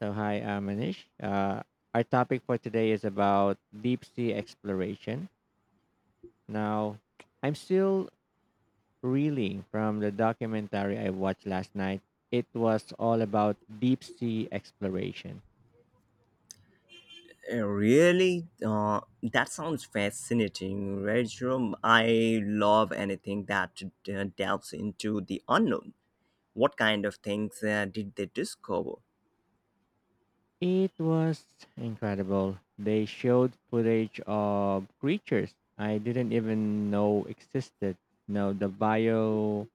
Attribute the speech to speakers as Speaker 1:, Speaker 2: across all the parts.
Speaker 1: So, hi, Manish. Our topic for today is about deep sea exploration. Now, I'm still reeling from the documentary I watched last night. It was all about deep sea exploration.
Speaker 2: Really? That sounds fascinating, Rajram. I love anything that delves into the unknown. What kind of things did they discover?
Speaker 1: It was incredible. They showed footage of creatures I didn't even know existed. No, the bioluminescent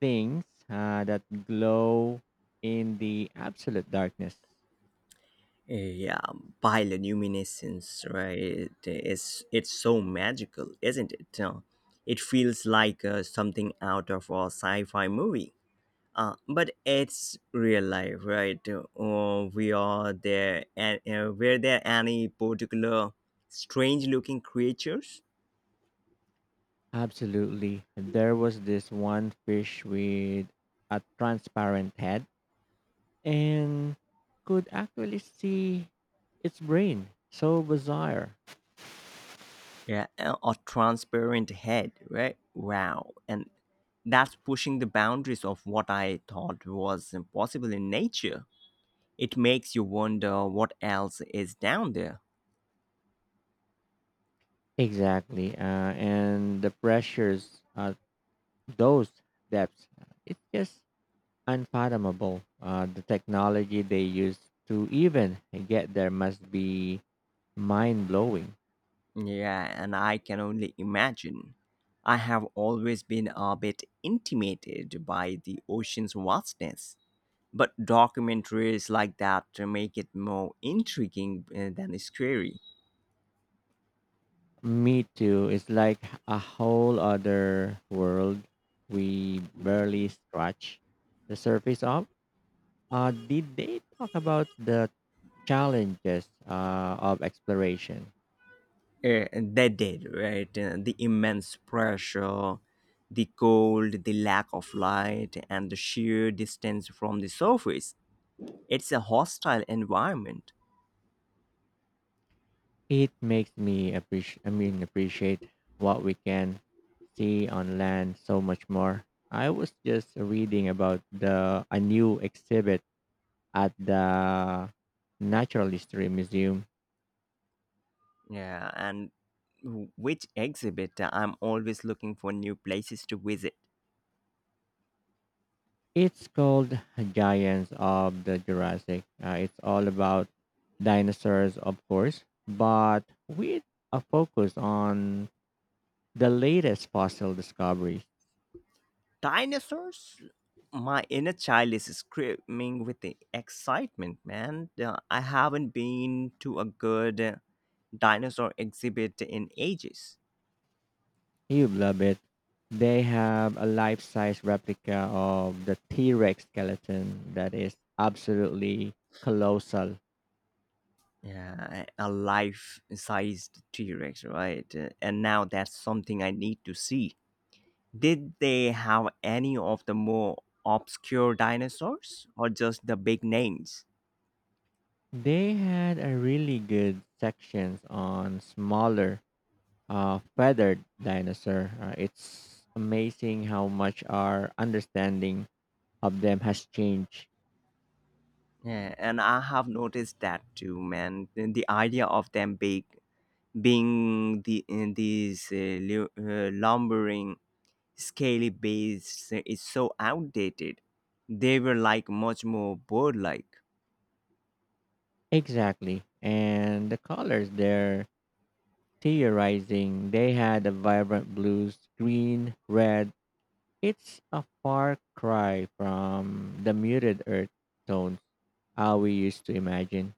Speaker 1: things that glow in the absolute darkness.
Speaker 2: Yeah, bioluminescence, right? It's so magical, isn't it? It feels like something out of a sci fi movie. But it's real life, right? We are there, and were there any particular strange-looking creatures?
Speaker 1: Absolutely. There was this one fish with a transparent head and could actually see its brain. So bizarre.
Speaker 2: Yeah, a transparent head, right? Wow. And that's pushing the boundaries of what I thought was impossible in nature. It makes you wonder what else is down there.
Speaker 1: Exactly. And the pressures at those depths, it's just unfathomable. The technology they use to even get there must be mind blowing.
Speaker 2: Yeah, and I can only imagine. I have always been a bit intimidated by the ocean's vastness, but documentaries like that make it more intriguing than scary.
Speaker 1: Me too. It's like a whole other world we barely scratch the surface of. Did they talk about the challenges of exploration?
Speaker 2: They did, right? The immense pressure, the cold, the lack of light, and the sheer distance from the surface. It's a hostile environment.
Speaker 1: It makes me appreciate. Appreciate what we can see on land so much more. I was just reading about the a new exhibit at the Natural History Museum.
Speaker 2: Yeah, and which exhibit? I'm always looking for new places to visit.
Speaker 1: It's called Giants of the Jurassic. It's all about dinosaurs, of course, but with a focus on the latest fossil discoveries.
Speaker 2: Dinosaurs? My inner child is screaming with the excitement, man. I haven't been to a good dinosaur exhibit in ages.
Speaker 1: You'd love it. They have a life size replica of the T Rex skeleton that is absolutely colossal.
Speaker 2: Yeah, a life-sized T-Rex, right? And now that's something I need to see. Did they have any of the more obscure dinosaurs or just the big names?
Speaker 1: They had a really good sections on smaller feathered dinosaur. It's amazing how much our understanding of them has changed.
Speaker 2: Yeah, and I have noticed that too, man. And the idea of them big being the in these lumbering, scaly beasts is so outdated. They were like much more bird-like.
Speaker 1: Exactly. And the colors they're theorizing, they had a vibrant blues, green, red. It's a far cry from the muted earth tones how we used to imagine.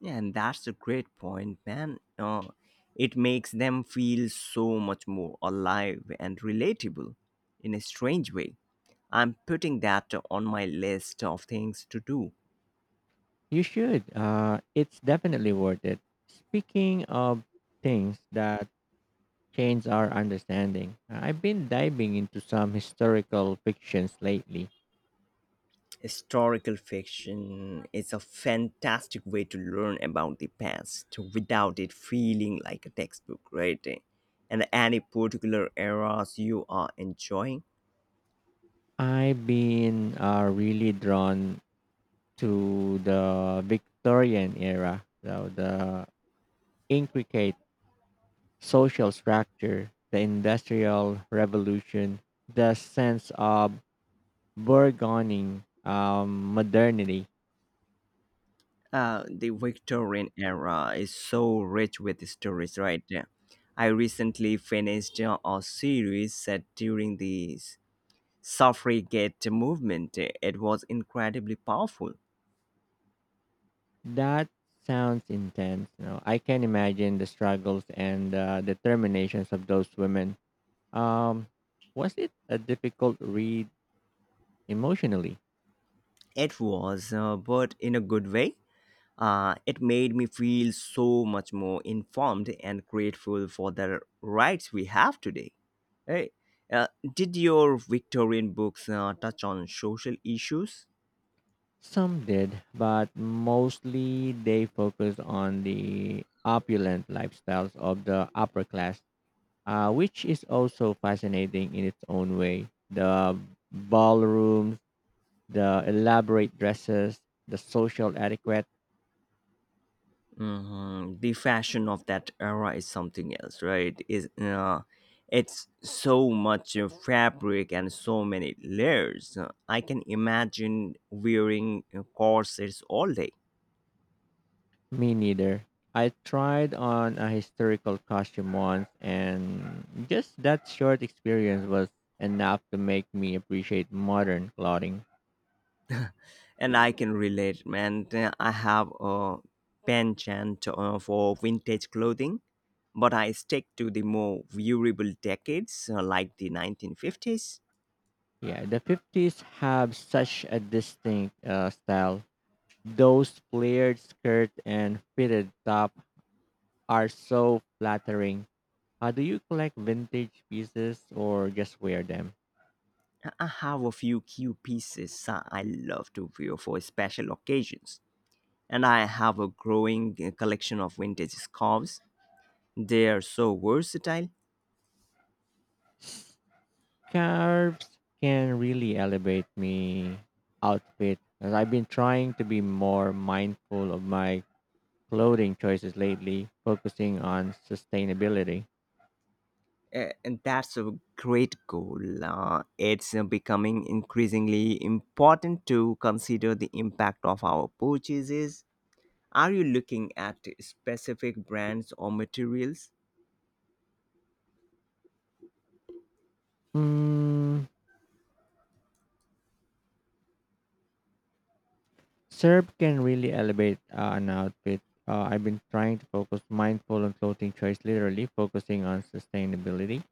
Speaker 2: Yeah, and that's a great point, man. It makes them feel so much more alive and relatable in a strange way. I'm putting that on my list of things to do.
Speaker 1: You should. It's definitely worth it. Speaking of things that change our understanding. I've been diving into some historical fictions lately.
Speaker 2: Historical fiction is a fantastic way to learn about the past without it feeling like a textbook, right? And any particular eras you are enjoying?
Speaker 1: I've been really drawn to the Victorian era, so the intricate social structure, the Industrial Revolution, the sense of burgeoning modernity.
Speaker 2: The Victorian era is so rich with stories, right? I recently finished a series set during the suffragette movement. It was incredibly powerful.
Speaker 1: That sounds intense. You know, I can imagine the struggles and determinations of those women. Um, was it a difficult read emotionally?
Speaker 2: It was, but in a good way. It made me feel so much more informed and grateful for the rights we have today. Hey, uh, did your Victorian books touch on social issues?
Speaker 1: Some did, but mostly they focused on the opulent lifestyles of the upper class, which is also fascinating in its own way. The ballrooms, the elaborate dresses, the social etiquette.
Speaker 2: Mhm. The fashion of that era is something else, right? Is it's so much fabric and so many layers. I can imagine wearing corsets all day,
Speaker 1: Me neither. I tried on a historical costume once, and just that short experience was enough to make me appreciate modern clothing.
Speaker 2: and I can relate. Man, I have a penchant for vintage clothing, but I stick to the more durable decades like the 1950s.
Speaker 1: Yeah, the 50s have such a distinct style. Those flared skirt and fitted top are so flattering. Do you collect vintage pieces or just wear them?
Speaker 2: I have a few key pieces I love to wear for special occasions, and I have a growing collection of vintage scarves. They are so versatile,
Speaker 1: Carbs can really elevate me outfit as I've been trying to be more mindful of my clothing choices lately, focusing on sustainability.
Speaker 2: and that's a great goal. It's becoming increasingly important to consider the impact of our purchases. Are you looking at specific brands or materials?
Speaker 1: Mm, syrup can really elevate an outfit. I've been trying to focus mindful on clothing choice, literally focusing on sustainability.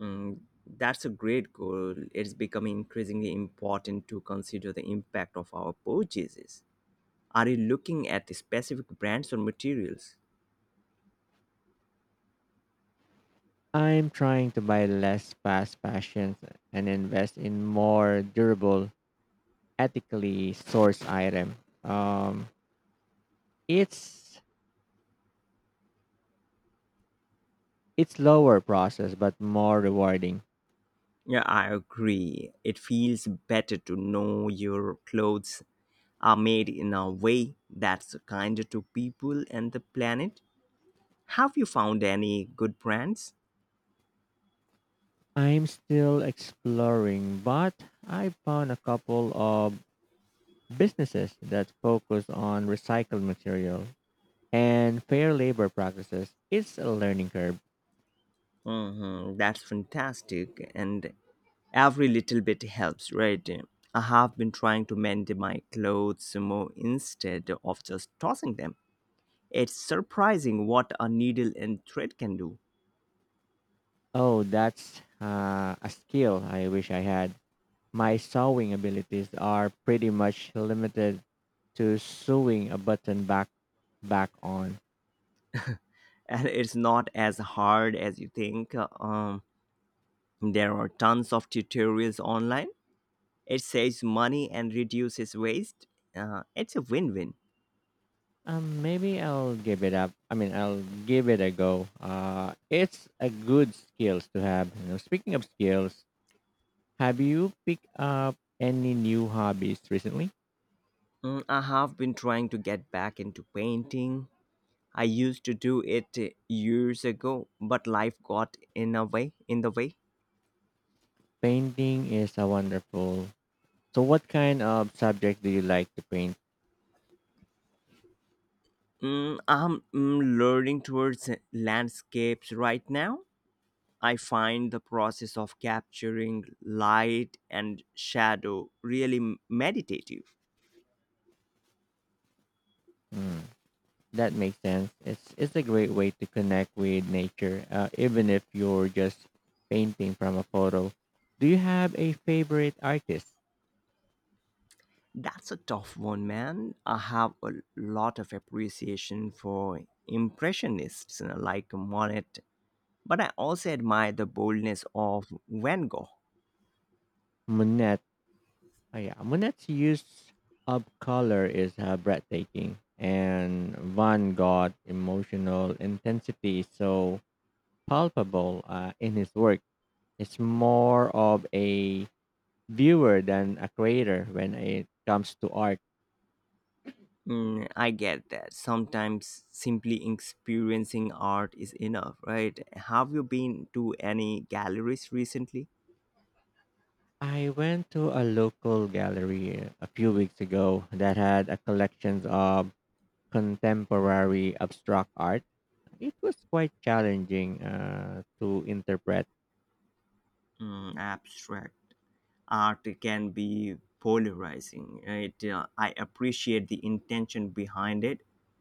Speaker 2: Mm, that's a great goal. It's becoming increasingly important to consider the impact of our purchases. Are you looking at specific brands or materials?
Speaker 1: I'm trying to buy less fast fashions and invest in more durable, ethically sourced item. Um, it's It's slower process but more rewarding.
Speaker 2: Yeah, I agree. It feels better to know your clothes are made in a way that's kinder to people and the planet. Have you found any good brands?
Speaker 1: I'm still exploring, but I found a couple of businesses that focus on recycled material and fair labor practices. It's a learning curve.
Speaker 2: Hmm, that's fantastic. And every little bit helps, right? I have been trying to mend my clothes more instead of just tossing them. It's surprising what a needle and thread can do.
Speaker 1: Oh, that's a skill I wish I had. My sewing abilities are pretty much limited to sewing a button back on.
Speaker 2: And it's not as hard as you think. There are tons of tutorials online. It saves money and reduces waste. It's a win win.
Speaker 1: Maybe I'll give it up. I'll give it a go. It's a good skills to have. You know, speaking of skills, have you picked up any new hobbies recently?
Speaker 2: Mm, I have been trying to get back into painting. I used to do it years ago, but life got in the way.
Speaker 1: Painting is a wonderful. So, what kind of subject do you like to paint?
Speaker 2: Mm, I'm learning towards landscapes right now. I find the process of capturing light and shadow really meditative.
Speaker 1: Hmm, that makes sense. It's a great way to connect with nature, even if you're just painting from a photo. Do you have a favorite artist?
Speaker 2: That's a tough one, man. I have a lot of appreciation for Impressionists like Monet, but I also admire the boldness of Van Gogh.
Speaker 1: Monet. Oh yeah, Monet's use of color is breathtaking, and Van Gogh's emotional intensity is so palpable in his work. It's more of a viewer than a creator when it comes to art.
Speaker 2: Mm, I get that. Sometimes simply experiencing art is enough, right? Have you been to any galleries recently?
Speaker 1: I went to a local gallery a few weeks ago that had a collection of contemporary abstract art. It was quite challenging to interpret.
Speaker 2: Mm, abstract art can be polarizing. It, I appreciate the intention behind it,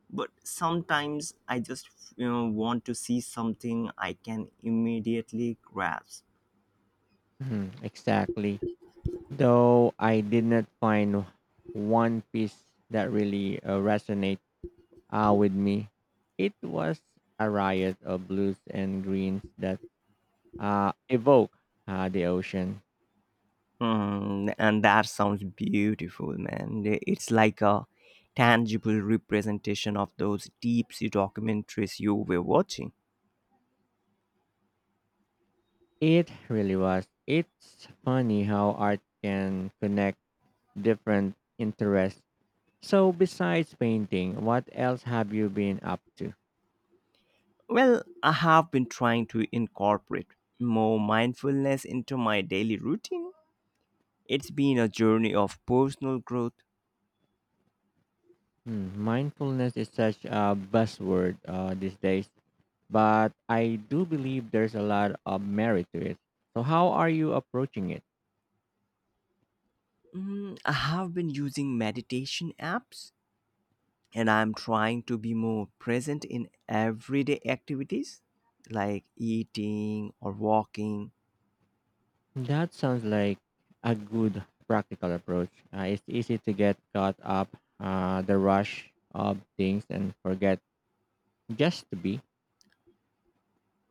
Speaker 2: but sometimes I just want to see something I can immediately grasp.
Speaker 1: Mhm, exactly. Though I did not find one piece that really resonate with me, it was a riot of blues and greens that evoke the ocean.
Speaker 2: Hmm, and that sounds beautiful, man. It's like a tangible representation of those deep sea documentaries you were watching.
Speaker 1: It really was. It's funny how art can connect different interests. So, besides painting, what else have you been up to?
Speaker 2: Well, I have been trying to incorporate more mindfulness into my daily routine. It's been a journey of personal growth.
Speaker 1: Hmm, mindfulness is such a buzzword these days. But I do believe there's a lot of merit to it. So, how are you approaching it?
Speaker 2: Mm, I have been using meditation apps and I'm trying to be more present in everyday activities like eating or walking.
Speaker 1: That sounds like a good practical approach. It's easy to get caught up the rush of things and forget just to be.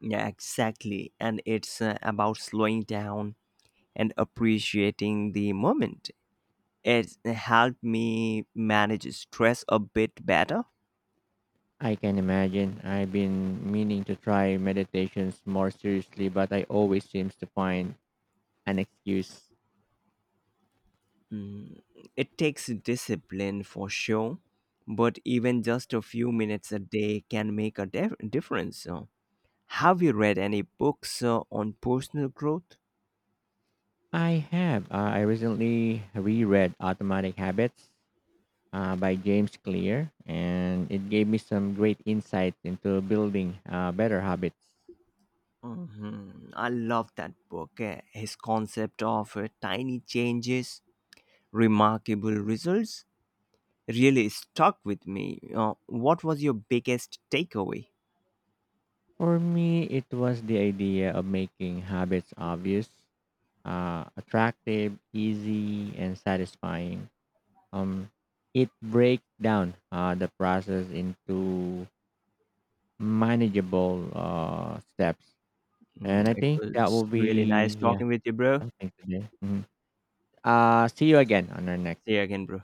Speaker 2: Yeah, exactly. And it's about slowing down and appreciating the moment. It helped me manage stress a bit better.
Speaker 1: I can imagine. I've been meaning to try meditations more seriously, but I always seems to find an excuse.
Speaker 2: Mm, it takes discipline for sure, but even just a few minutes a day can make a difference. So, have you read any books on personal growth?
Speaker 1: I have. I recently reread Automatic Habits by James Clear, and it gave me some great insight into building better habits.
Speaker 2: Mhm. I love that book. His concept of tiny changes, remarkable results really stuck with me. What was your biggest takeaway?
Speaker 1: For me, it was the idea of making habits obvious, attractive, easy, and satisfying. Um, it breaks down the process into manageable steps,
Speaker 2: Mm,
Speaker 1: and I
Speaker 2: it
Speaker 1: think that
Speaker 2: was
Speaker 1: will
Speaker 2: really nice
Speaker 1: be yeah
Speaker 2: talking with you, bro.
Speaker 1: something today. Mhm. See you again on our next.
Speaker 2: See you again, bro.